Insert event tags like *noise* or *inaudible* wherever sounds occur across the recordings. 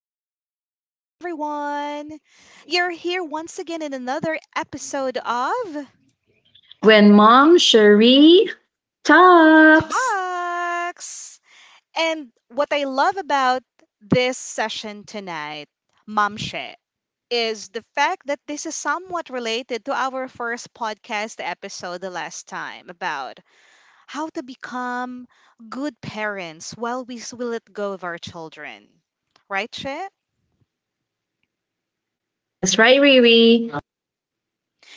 again. Hi, everyone. You're here once again in another episode of When mom Cherie talks. Talks. And what I love about this session tonight, Mamshe, is the fact that this is somewhat related to our first podcast episode the last time about how to become good parents while we let go of our children. Right, She? That's right, Riri.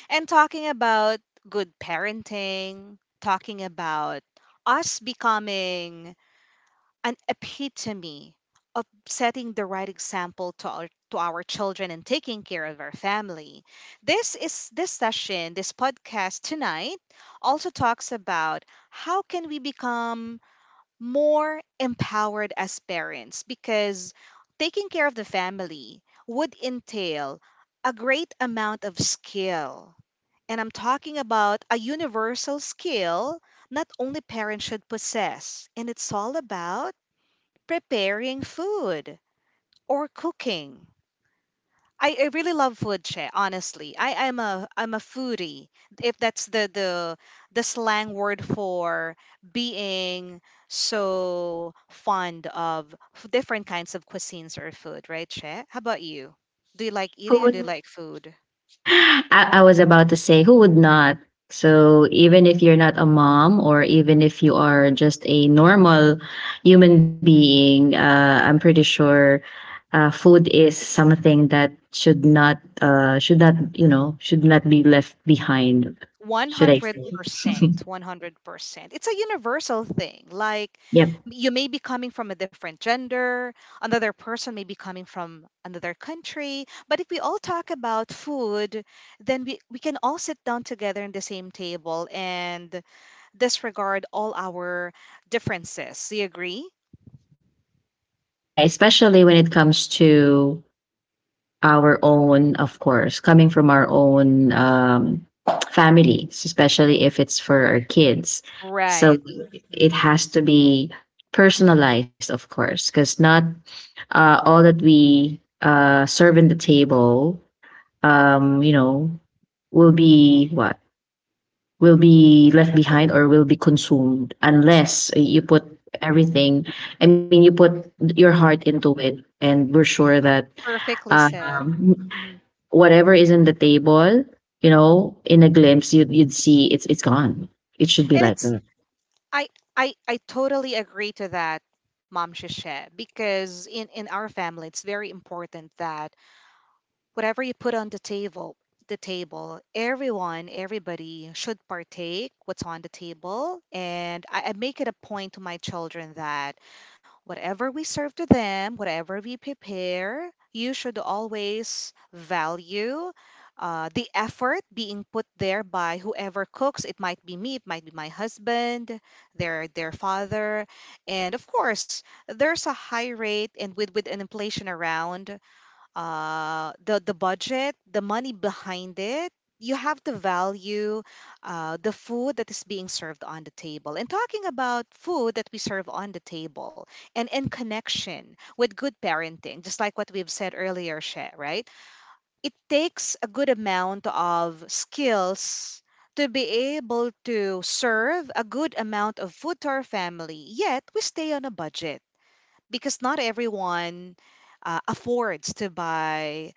And talking about good parenting, talking about us becoming an epitome of setting the right example to our children and taking care of our family. This session, this podcast tonight also talks about how can we become more empowered as parents because taking care of the family would entail a great amount of skill, and I'm talking about a universal skill not only parents should possess, and it's all about preparing food or cooking. I really love food, Che, honestly. I'm a foodie, if that's the slang word for being so fond of different kinds of cuisines or food, right, Che? How about you? Do you like Who eating or do you would, like food? I was about to say, who would not? So even if you're not a mom, or even if you are just a normal human being, I'm pretty sure food is something that should not should not be left behind. Should I say? 100%. *laughs* 100%. It's a universal thing. Like, Yep. You may be coming from a different gender, another person may be coming from another country. But if we all talk about food, then we can all sit down together in the same table and disregard all our differences. Do you agree? Right, especially when it comes to our own, of course, coming from our own families, especially if it's for our kids. So Right. it Mm. has to be personalized, of course, because not all that we serve in the table, um, you know, will be what will be left behind or will be consumed unless you put everything. I mean, you put your heart into it, and we're sure that Perfectly said. um, Mhm. whatever is in the table, you know, in a glimpse, you'd see it's gone. It should be And like it's that. I I totally agree to that, Mom Shisha, because in our family it's very important that whatever you put on the table, everyone, everybody should partake what's on the table. And I make it a point to my children that whatever we serve to them, whatever we prepare, you should always value the effort being put there by whoever cooks. It might be me, it might be my husband, their father, and of course, there's a high rate, and with an inflation around, the budget, the money behind it. You have to value the food that is being served on the table. And talking about food that we serve on the table and in connection with good parenting, just like what we've said earlier, She, right? It takes a good amount of skills to be able to serve a good amount of food to our family, yet we stay on a budget because not everyone affords to buy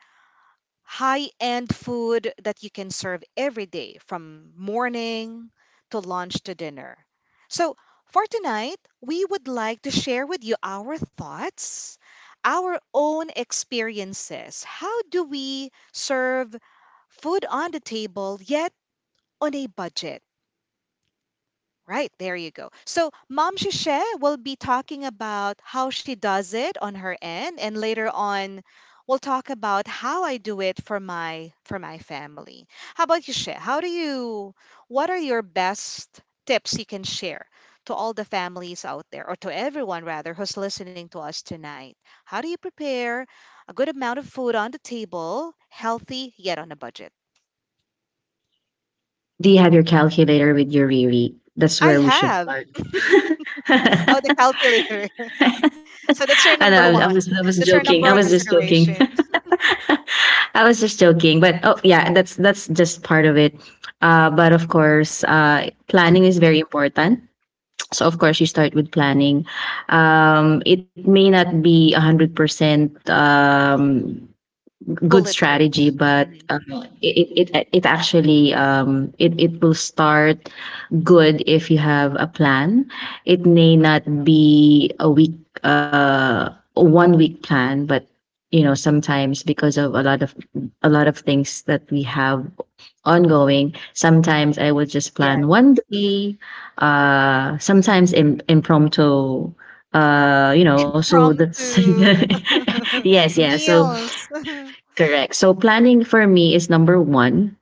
high-end food that you can serve every day from morning to lunch to dinner. So, for tonight, we would like to share with you our thoughts, our own experiences. How do we serve food on the table yet on a budget? Right, there you go. So, Mom Shishe will be talking about how she does it on her end, and later on we'll talk about how I do it for my family. How about you, Shay? How do you what are your best tips you can share to all the families out there, or to everyone rather who's listening to us tonight? How do you prepare a good amount of food on the table, healthy yet on a budget? Do you have your calculator with your Riri? That's I where we should have. start. Oh, the *laughs* calculator. *laughs* So that's I your know, number I, I was I one. was That's your joking. I number was one just joking. consideration. *laughs* I was just joking, but oh yeah, that's just part of it. But of course, planning is *laughs* very important. So of course, you start with planning. It may not be 100% good Bulletproof. strategy, but Hmm. It, it it it actually it it will start good if you have a plan. It may not be a week a one week plan, but you know sometimes because of a lot of things that we have ongoing. Sometimes I will just Yeah. plan one day, impromptu, so Prom that's to *laughs* *laughs* yes yeah so meals. *laughs* Correct. So planning for me is number one.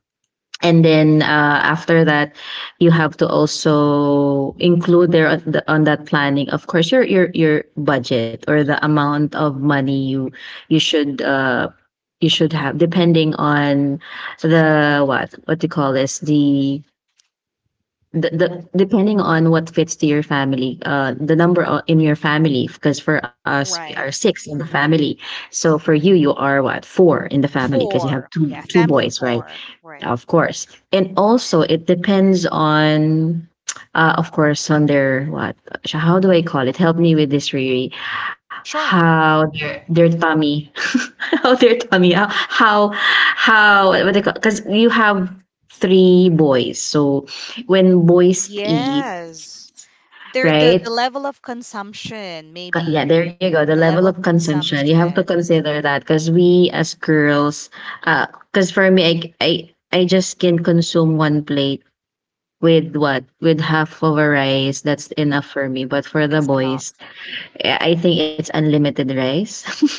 And then after that, you have to also include there on that planning, of course, your your budget or the amount of money you you should uh, you should have, depending on the what do you call this the depending on what fits to your family, the in your family. Because for us we are Right. six in the family, Mm. so for you, you are what, four in the family, because you have Four. two Yeah. two Family of boys, right? four. Right. Of course. And also it depends on, of course, on their, what, how do I call it? Help me with this, Riri. Sure. How their tummy. *laughs* How their tummy, how, what they call, because you have three boys. So when boys eat, Yes. There the right? level of consumption, Yeah, maybe. there you go. The The level level of of consumption. You have to consumption. consider that, because we as girls, because for me, I just can consume one plate with, what, with half of a rice. That's enough for me. But for the That's boys, enough. eh, I think it's unlimited rice.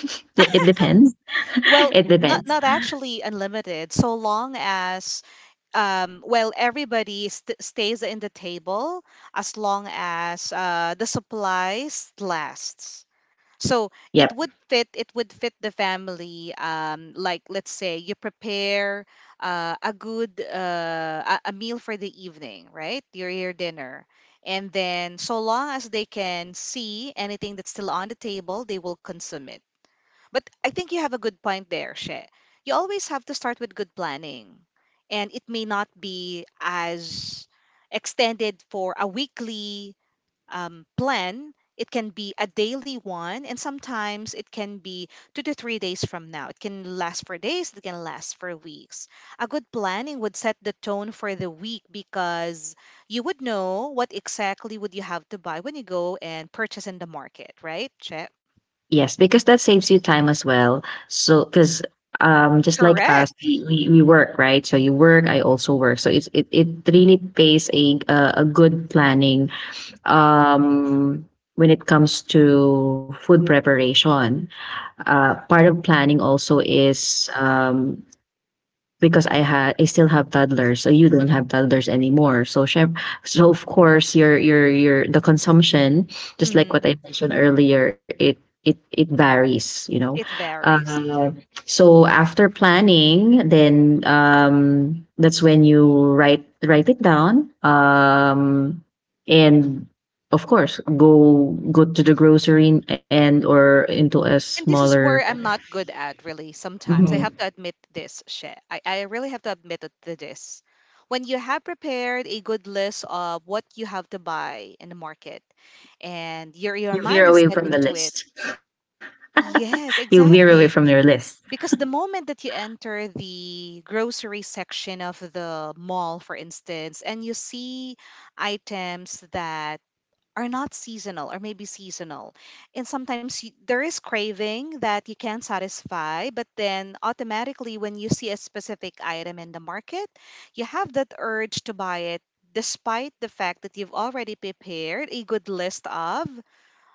*laughs* It depends. *laughs* Well, It not depends. not actually unlimited, so long as well, everybody stays in the table as long as the supplies lasts. So Yep. it would fit. It would fit the family. Like let's say you prepare a good a meal for the evening, right? Your dinner, and then so long as they can see anything that's still on the table, they will consume it. But I think you have a good point there, She. You always have to start with good planning. And it may not be as extended for a weekly plan. It can be a daily one, and sometimes it can be 2 to 3 days from now. It can last for days, it can last for weeks. A good planning would set the tone for the week because you would know what exactly would you have to buy when you go and purchase in the market, right, Chet? Yes, because that saves you time as well. So, because just like us, Correct. we work, right? So you work, I also work, so it's it really pays, a good planning um when it comes to food preparation. Part of planning also is, because I still have toddlers, so you don't have toddlers anymore. So of course your the consumption, just like what I mentioned earlier, it varies, you know. It varies. Uh, so after planning, then that's when you write it down. And Of course, go to the grocery, and or into a And this is where smaller. I'm not good at, really, sometimes. I Mhm. have to admit this, She. I really have to admit it to this. When you have prepared a good list of what you have to buy in the market and your You veer mind is away set from the into it, list. *laughs* You yes, veer away from your exactly. list. Because the moment that you enter the grocery section of the mall, for instance, and you see items that are not seasonal or maybe seasonal. And sometimes you, there is craving that you can satisfy, but then automatically when you see a specific item in the market, you have that urge to buy it despite the fact that you've already prepared a good list of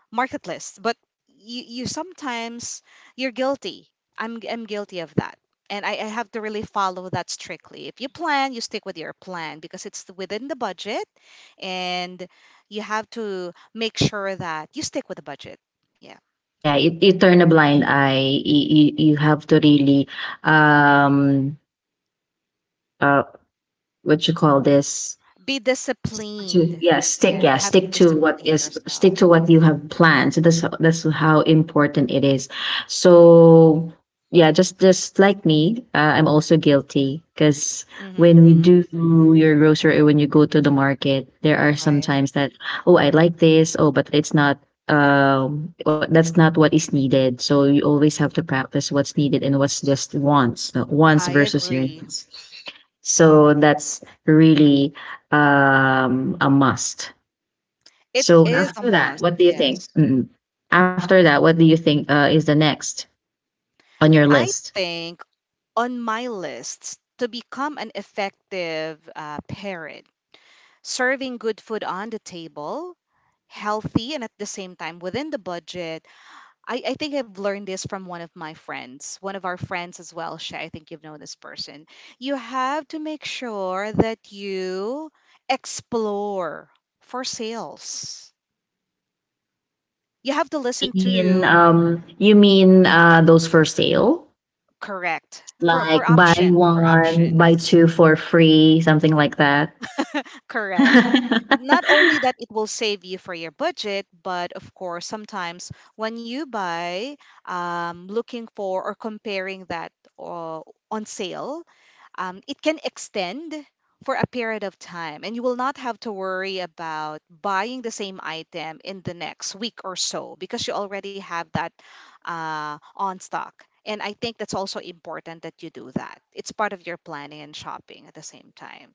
market, but you sometimes you're guilty, I'm guilty of that, and I have to really follow that strictly. If you plan, you stick with your plan because it's within the budget, and you have to make sure that you stick with the budget. Yeah, Yeah, you turn a blind eye. You, you, you have to really, um, uh, what you call this, be to, disciplined. yeah, stick, Yeah, yeah you have to stick to what discipline is stick yourself. to what you have planned. So that's how, that's how important it is. So yeah, just like me, I'm also guilty, because when we Hmm. do your grocery or when you go to the market, there are Right. sometimes that, oh, I like this. Oh, but it's not, what that's not what is needed. So you always have to practice what's needed and what's just wants, wants I versus your agree. needs. So that's really, a must. It So is a after that, must, what do you think? yes. Mm-mm. After that, what do you think is the next on your I list? think on my lists to become an effective parent, serving good food on the table, healthy and at the same time within the budget. I think I've learned this from one of my friends, one of our friends as well. Shay, I think you've known this person. You have to make sure that you explore for sales. You have to You listen mean to those for sale, correct like for buy options for one, buy options. two for free, something like that. Correct. Not only that *laughs* it will save you for your budget, but of course, sometimes when you buy, looking for or comparing that uh, on sale, it can extend for a period of time, and you will not have to worry about buying the same item in the next week or so because you already have that on stock. And I think that's also important that you do that. It's part of your planning and shopping at the same time,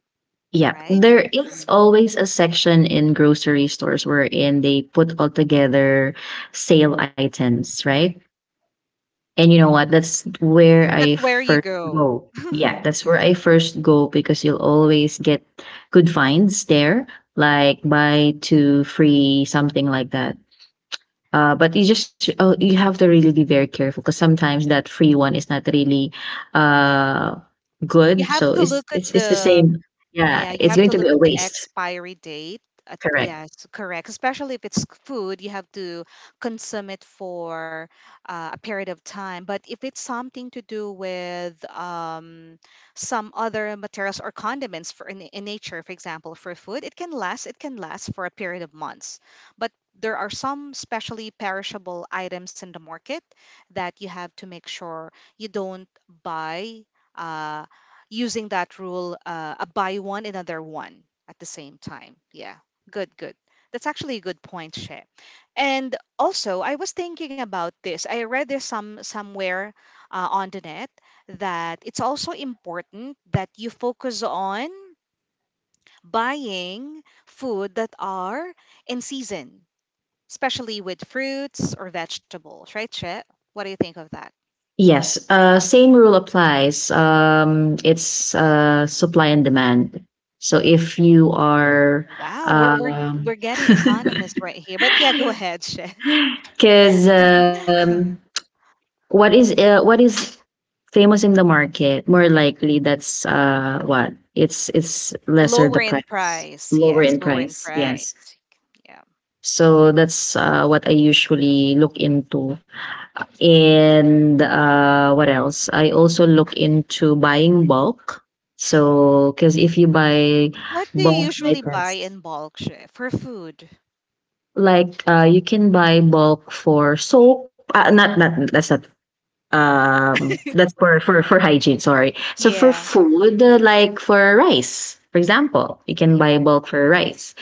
Yeah, right? there is always a section in grocery stores wherein they put all together sale items, right? And you know what? That's where I That's where you first go. go. Yeah, that's where I first go, because you'll always get good finds there, like buy two free, something like that. But you just, oh, you have to really be very careful, because sometimes that free one is not really uh You good. have So to look at it's the the same. Yeah, yeah, you it's have going to to look be a at the waste. expiry date. Correct. Yes, correct. Especially if it's food, you have to consume it for a period of time. But if it's something to do with some other materials or condiments for in nature, for example, for food, it can last. It can last for a period of months. But there are some specially perishable items in the market that you have to make sure you don't buy. Uh, Using that rule, a buy one, another one at the same time. Yeah, good, good. That's actually a good point, Shay. And also, I was thinking about this. I read this some somewhere on the net that it's also important that you focus on buying food that are in season, especially with fruits or vegetables, right, Shay? What do you think of that? Yes, same rule applies. It's Supply and demand. So if you are, Wow, we're getting economists right here. But yeah, go ahead, Shay. because *laughs* what is famous in the market, more likely that's what it's lesser the Lower in price, price. lower Yes, in lower in price. Yes. price. Yeah. So that's what I usually look into. And what else? I also look into buying bulk. So, because if you buy What do you bulk usually buy items, in bulk, Shay, for food? like, you can buy bulk for soap. Not not That's not. That's for hygiene. Sorry. So for Yeah. food, like for rice, for example, you can Yeah. buy bulk for rice.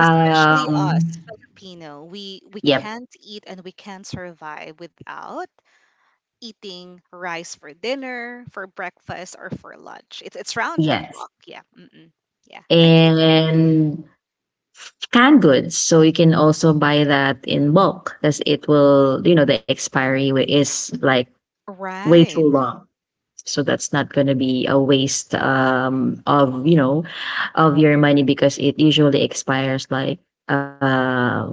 Especially us Filipino, we yep. can't eat and we can't survive without eating rice for dinner, for breakfast, or for lunch. It's round the Yes. clock. Yeah. Mm-mm. Yeah. I think it's a good. And canned goods. So you can also buy that in bulk, because it will, you know, the expiry is like way Right. too long. So that's not going to be a waste of, you know, of your money, because it usually expires like a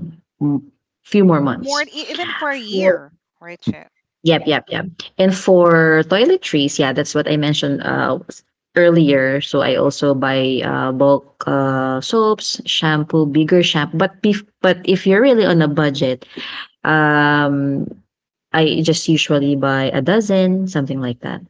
few more More months. even for a year, right, Che? Yep, yep, yep. And for toiletries, yeah, that's what I mentioned earlier. So I also buy bulk soaps, shampoo, bigger shampoo. But if you're really on a budget, um, I just usually buy a dozen, something like that.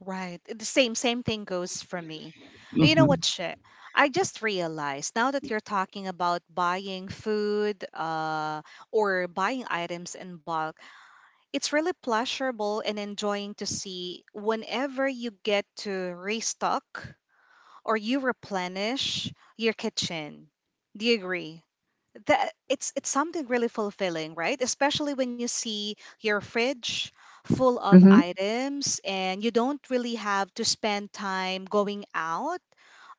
Right. The same same thing goes for me. You know Hmm. what, shit? I just realized now that you're talking about buying food or buying items in bulk, it's really pleasurable and enjoying to see whenever you get to restock or you replenish your kitchen. Do you agree? That it's something really fulfilling, right? Especially when you see your fridge full of Mm-hmm, items and you don't really have to spend time going out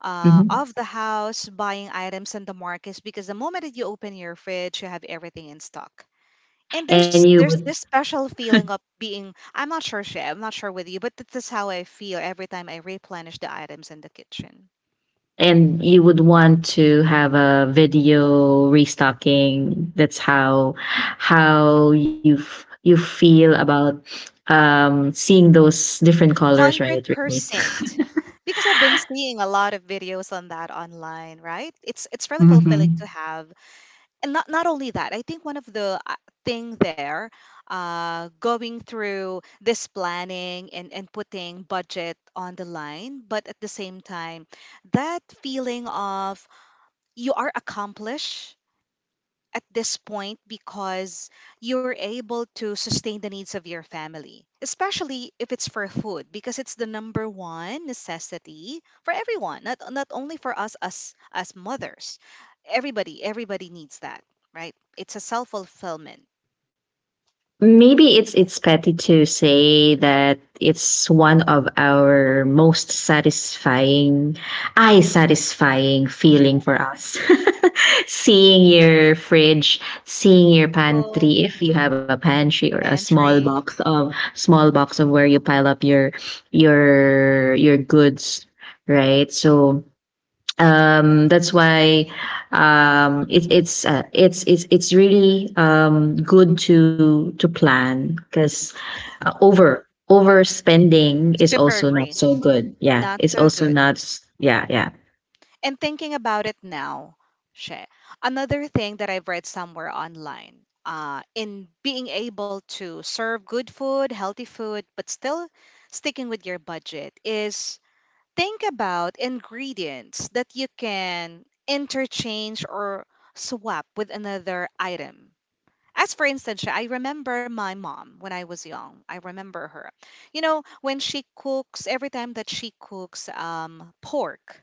mm-hmm. of the house buying items in the markets because the moment that you open your fridge, you have everything in stock. And there's And you there's this would, special feeling of being I'm not sure Shay, I'm not sure with you, but this is how I feel every time I replenish the items in the kitchen. and you would want to have a video restocking. That's how you you feel about, seeing those different colors, right, Whitney? 100% because I've been seeing a lot of videos on that online, right? It's really fulfilling to Mhm. have. And not only that, I think one of the thing there going through this planning and putting budget on the line, but at the same time that feeling of you are accomplished at this point because you're able to sustain the needs of your family, especially if it's for food, because it's the number one necessity for everyone, not only for us as mothers. Everybody, everybody needs that, right? It's a self fulfillment. Maybe it's petty to say that it's one of our most satisfying, eye satisfying feeling for us. *laughs* Seeing your fridge, seeing your Full pantry, if you have a pantry or a pantry, small box of where you pile up your your goods, right? So that's why, it's, it's really good to plan, because, overspending is super also not agree. so good. Yeah, Not it's so also good. not s- yeah, yeah. And thinking about it now, she, another thing that I've read somewhere online, in being able to serve good food, healthy food, but still sticking with your budget, is think about ingredients that you can interchange or swap with another item as for instance, I remember my mom when I was young. I remember her. You know, when she cooks, every time that she cooks pork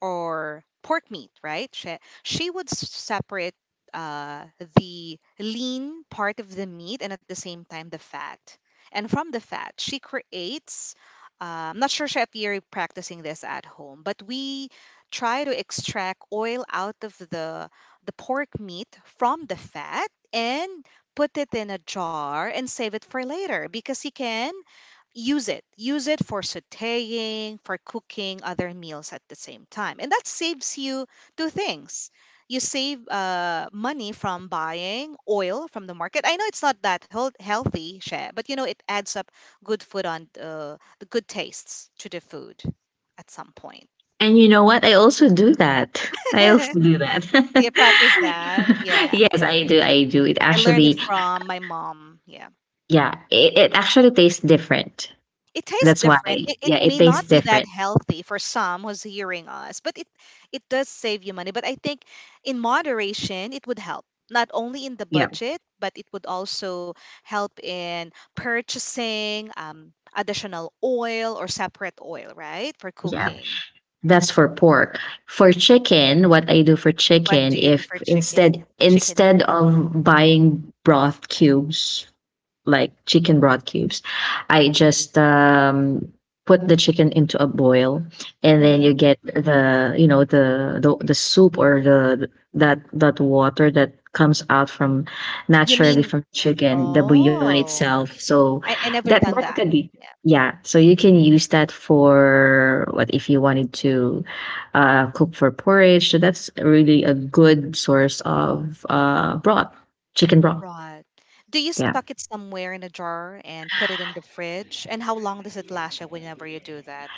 or pork meat, right? She would separate uh, the lean part of the meat and at the same time the fat. And from the fat, she creates. I'm not sure Chef you're practicing this at home, but we try to extract oil out of the pork meat from the fat and put it in a jar and save it for later because you can use it for sautéing for cooking other meals at the same time and that saves you two things, you save money from buying oil from the market. I know it's not that healthy, share, but you know it adds up good food on the good tastes to the food at some point. And you know what, I also do that. I also *laughs* do that. Do practice that, *laughs* yeah. Yes, I do. I do it I learned it actually. from my mom, yeah. Yeah, it actually tastes different. It tastes That's different. why, yeah, It it may tastes not be that different. healthy for some who's hearing us, but it does save you money. But I think in moderation, it would help not only in the Yeah, budget, but it would also help in purchasing additional oil or separate oil, right, for yeah. cooking. Yeah. That's for pork. For chicken, what I do for What chicken, do you do if for chicken? Chicken instead meat. of buying broth cubes, like chicken broth cubes, I just put the chicken into a boil, and then you Mm-hmm. get the, you know, the soup or the, that that water that comes out from You naturally mean? from chicken, the bouillon Oh, itself. So I that never done that that. could be, Yeah. yeah, so you can use that for, what, if you wanted to cook for porridge. So that's really a good source of broth, chicken broth. Right. Do you Yeah, stuck it somewhere in a jar and put it in the fridge? And how long does it last you whenever you do that?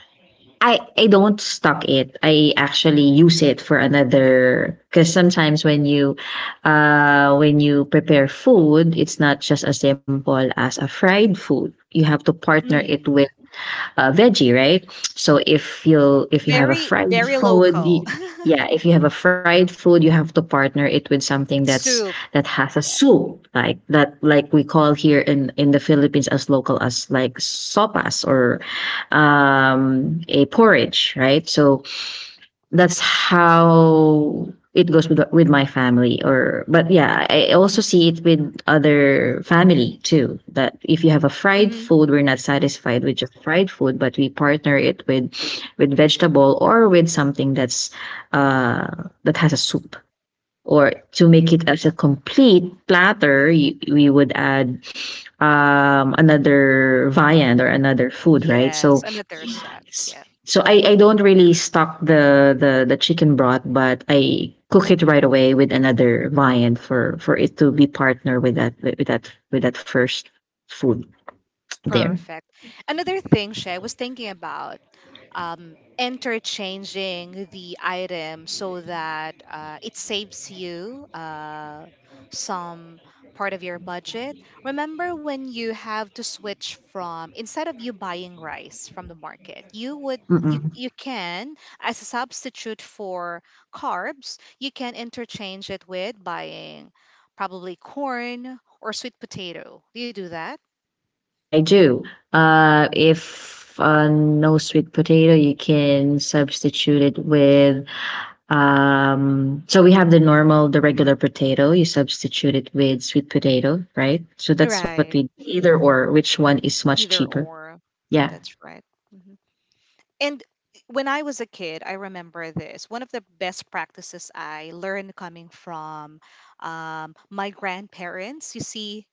I don't stock it. I actually use it for another, because sometimes when you prepare food, it's not just as simple as a fried food. You have to partner it Mm. with veggie, right? So if you have a Very, fried very food, local. *laughs* Yeah, if you have a fried food, you have to partner it with something It's that's soup. that has a Yeah. soup, like that, like we call here in the Philippines as local as like sopas or a porridge, right? So that's how it goes with my family, or, but yeah, I also see it with other family too, that if you have a fried Hmm. food we're not satisfied with just fried food, but we partner it with vegetable or with something that's uh that has a soup, or to make it as a complete platter you, we would add another viand or another food, right? Yes, So another set. S- Yeah. So I don't really stock the chicken broth, but I cook it right away with another viand for it to be partner with that with, with that first food there. Perfect. Another thing, Shay, I was thinking about interchanging the item so that it saves you some part of your budget. Remember when you have to switch from instead of you buying rice from the market, you would Mm-mm. you can as a substitute for carbs, you can interchange it with buying probably corn or sweet potato. Do you do that? I do. If no sweet potato, you can substitute it with. So we have the normal, the regular potato. You substitute it with sweet potato, right? So that's what Right. we either or. Which one is much Either cheaper? or. Yeah. That's right. Mhm. And when I was a kid, I remember this. One of the best practices I learned coming from my grandparents, you see,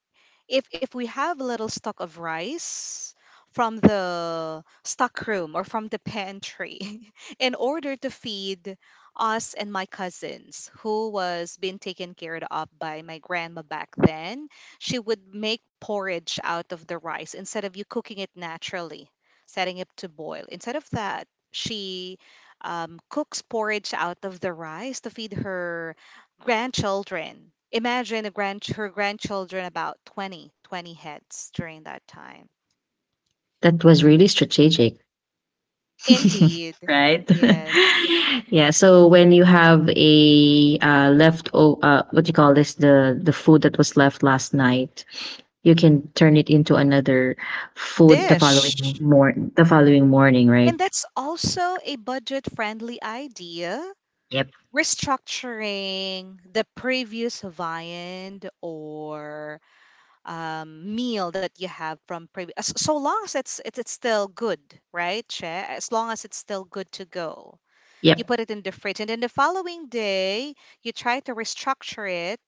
if we have a little stock of rice from the stockroom or from the pantry *laughs* in order to feed us and my cousins who was being taken care of by my grandma back then, she would make porridge out of the rice instead of you cooking it naturally setting it to boil. Instead of that she cooks porridge out of the rice to feed her grandchildren. Imagine a grand her grandchildren about 20 20 heads during that time. That was really strategic. *laughs* Indeed. right? Yes. *laughs* yeah. So when you have a what do you call this? The food that was left last night, you can turn it into another food Dish. The following morning, right? And that's also a budget-friendly idea. Yep. Restructuring the previous viand or meal that you have from previous, so long as it's still good, right, Che? As long as it's still good to go. You Yep. put it in the fridge and then the following day you try to restructure it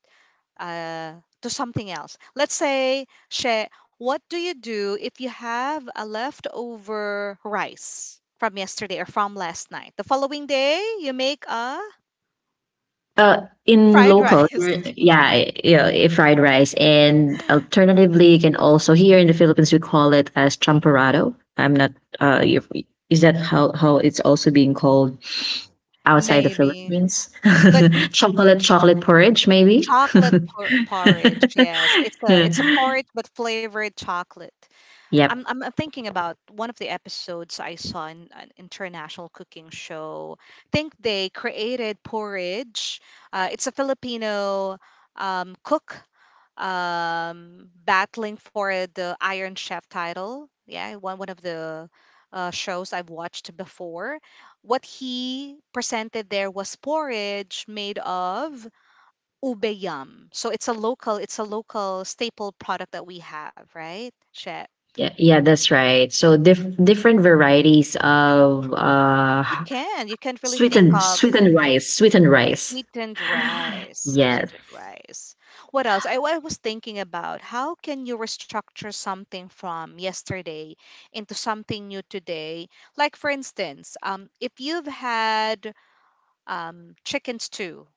uh, to something else. Let's say, she, what do you do if you have a leftover rice from yesterday or from last night? The following day you make a Uh, in fried local, rice. Yeah, yeah, fried rice, and *laughs* alternatively, you can also, here in the Philippines, we call it as champorado. I'm not. Uh, if- is that how it's also being called outside the Maybe, Philippines? but *laughs* Chocolate porridge, maybe. chocolate *laughs* porridge, yes, it's a porridge but flavored chocolate. Yep. I'm thinking about one of the episodes I saw in an international cooking show. I think they created porridge. It's a Filipino cook battling for the Iron Chef title. Yeah, one of the shows I've watched before. What he presented there was porridge made of ube yam. So it's a local staple product that we have, right, Che? Yeah, yeah, that's right. So different varieties of You can. You can't really think sweetened of sweetened rice, sweetened rice. sweetened rice. Yes. Sweetened rice. What else? I was thinking about how can you restructure something from yesterday into something new today. Like for instance, if you've had chicken stew,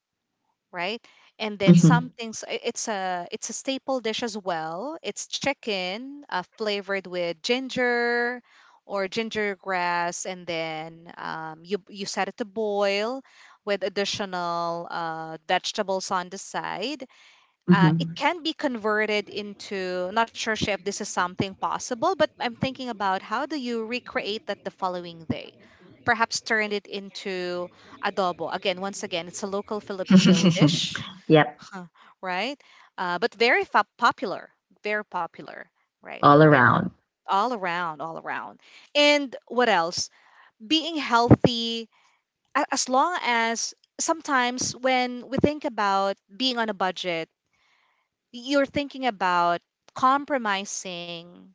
right? And then some Hmm. things it's a staple dish as well. It's chicken flavored with ginger or ginger grass, and then you you set it to boil with additional vegetables on the side, it Hmm. can be converted into, not sure Chef, this is something possible, but I'm thinking about how do you recreate that the following day. Perhaps turned it into adobo. Again, once again, it's a local Filipino dish, *laughs* yep. huh, right, but very popular, very popular right All there, around. all around, all around. And what else, being healthy, a- as long as sometimes when we think about being on a budget, you're thinking about compromising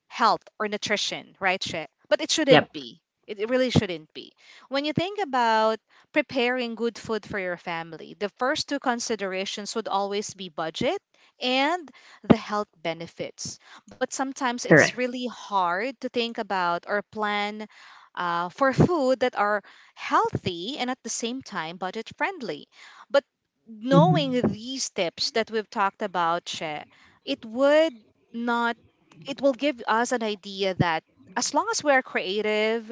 health or nutrition, right, Che? But it Yep. shouldn't be. It really shouldn't be. When you think about preparing good food for your family, the first two considerations would always be budget and the health benefits. But sometimes Correct. it's really hard to think about or plan for food that are healthy and at the same time budget friendly. But Hmm. knowing these tips that we've talked about, Che, it would not, it will give us an idea that as long as we're creative,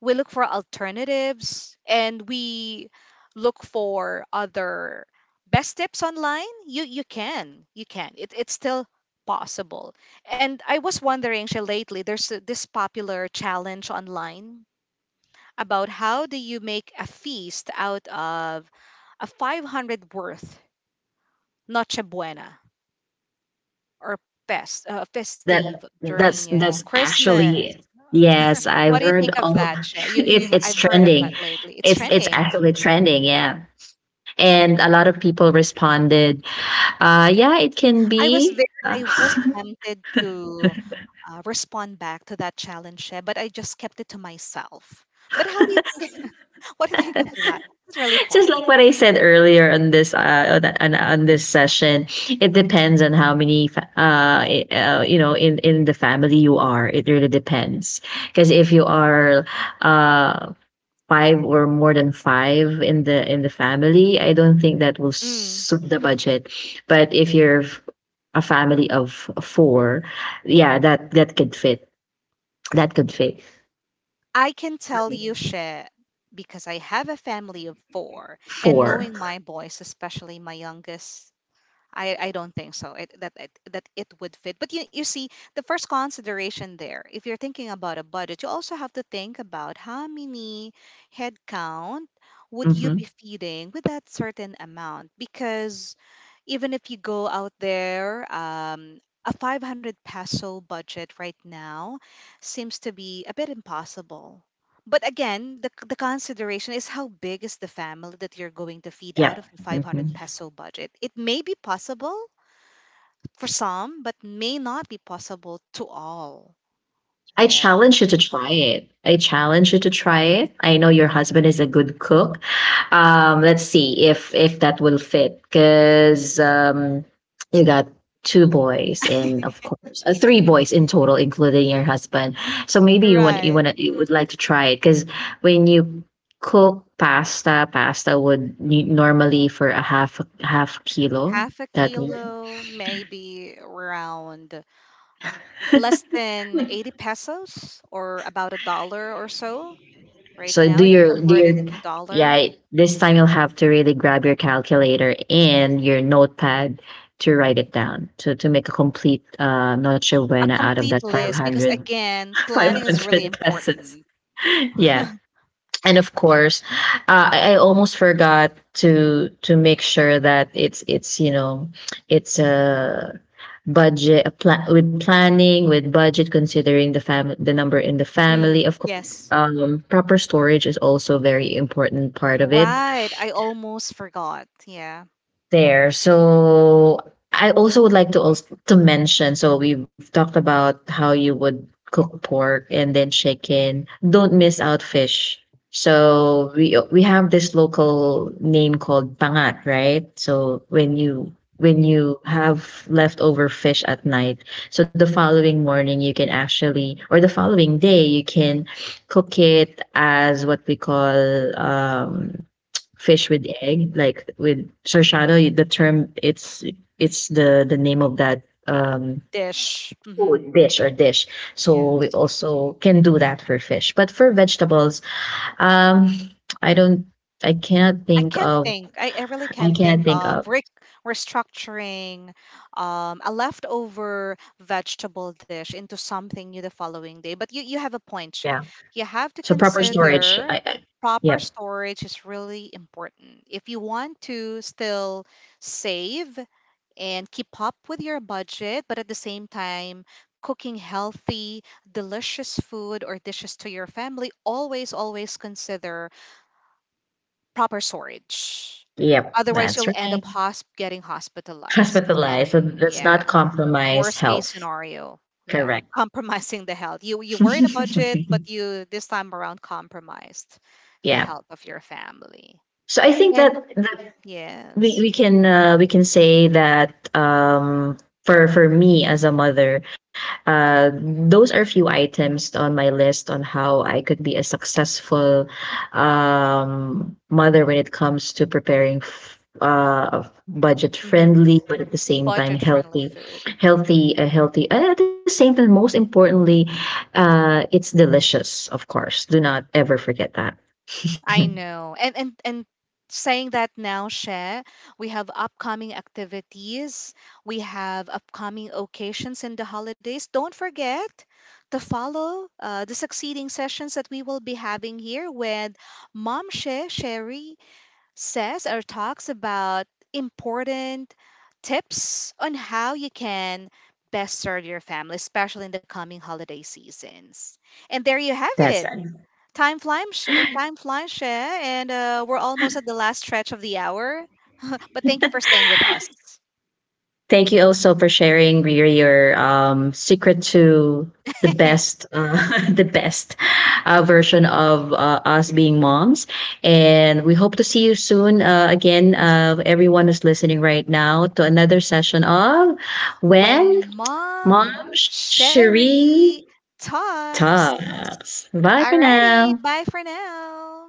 we look for alternatives and we look for other best tips online, you can. You can. It's still possible. And I was wondering, Shay, lately there's a- this popular challenge online about how do you make a feast out of a 500 worth noche buena or fest, festive That during that's that's Christmas. actually, Uh, *laughs* yes, what I've do you heard think of all. that, *laughs* Shay? It's You've it's I've heard of that trending. lately. It's It's trending. actually trending, yeah. And a lot of people responded, yeah, it can I was be. very, I was *laughs* tempted to respond back to that challenge, Shay, but I just kept it to myself. But how do you think? *laughs* What do you think of that? It's really Just like what possible. I said earlier on this session, it depends on how many in the family you are. It really depends, because if you are uh five or more than five in the family, I don't think that will Mm. suit the budget. But if you're a family of four, yeah, that could fit. That could fit. I can tell you, Shay, because I have a family of four, and Four. knowing my boys, especially my youngest, I don't think so that that it would fit. But you see, the first consideration there, if you're thinking about a budget, you also have to think about how many headcount would you be Mm-hmm. feeding with that certain amount. Because even if you go out there, a 500 peso budget right now seems to be a bit impossible, but again, the consideration is how big is the family that you're going to feed out Yeah. of the 500 Hmm. peso budget. It may be possible for some, but may not be possible to all I there. challenge you to try it. I challenge you to try it. I know your husband is a good cook. Let's see if that will fit, because you got two boys, and of course, three boys in total, including your husband. So maybe Right. You would like to try it, because when you cook pasta, pasta would need, normally, for a half kilo. Half a That. kilo, maybe around less than 80 pesos or about a dollar or so right So now, if you do convert it your into dollar. yeah, this time you'll have to really grab your calculator and your notepad to write it down, to make a complete noche A buena out of complete that five list because, hundred *laughs* again, five planning hundred. is really 500 pesos. important. *laughs* Yeah. And of course, I almost forgot to make sure that it's it's a budget, with planning, with budget, considering the number in the family, Mm, of course, yes. Proper storage is also a very important part of it Right. I almost forgot. Yeah. there. So I also would like to also to mention. So we've talked about how you would cook pork and then chicken. Don't miss out fish. So we have this local name called pangat, right? So when you have leftover fish at night, so the following morning you can actually, or the following day you can cook it as what we call fish with egg, like with Sir, the term, it's the name of that, um Dish. food Hmm. dish, or dish. So Yeah. we also can do that for fish, but for vegetables, um I don't. I cannot I think can't of think. I really I can't think cannot think of of, restructuring a leftover vegetable dish into something new the following day. But you have a point, yeah. Che. You have to So proper storage, consider I proper yep, storage is really important. If you want to still save and keep up with your budget, but at the same time, cooking healthy, delicious food or dishes to your family, always, always consider proper storage. yep, Otherwise, that's you'll end up right. Getting *laughs* hospitalized, hospitalized, so and let's not yeah, compromise worst case health. scenario, yeah, Correct. *laughs* compromising the health. You were in a budget, *laughs* but you this time around compromised the yeah. health of your family. So I think that And that we yes, we can, say that, for me as a mother, those are few items on my list on how I could be a successful mother when it comes to preparing budget hmm, friendly, but at the same time budget friendly healthy. food. Healthy, healthy, and at the same time, most importantly, it's delicious, of course. Do not ever forget that. I *laughs* know. And saying that now, Share, we have upcoming activities, we have upcoming occasions and the holidays. Don't forget to follow the succeeding sessions that we will be having here with Mom Share, Sherry says or talks about important tips on how you can best serve your family, especially in the coming holiday seasons. And there you have that's it. right. Time flies, time flies, Shea, and we're almost at the last stretch of the hour. *laughs* But thank you for staying with us. Thank you also for sharing, Riri, your secret to the best, *laughs* the best, version of us being moms. And we hope to see you soon, again, everyone who's listening right now, to another session of When When Mom Mom Sherry Cherie talks. Talks. Bye for Alrighty, now. bye for now.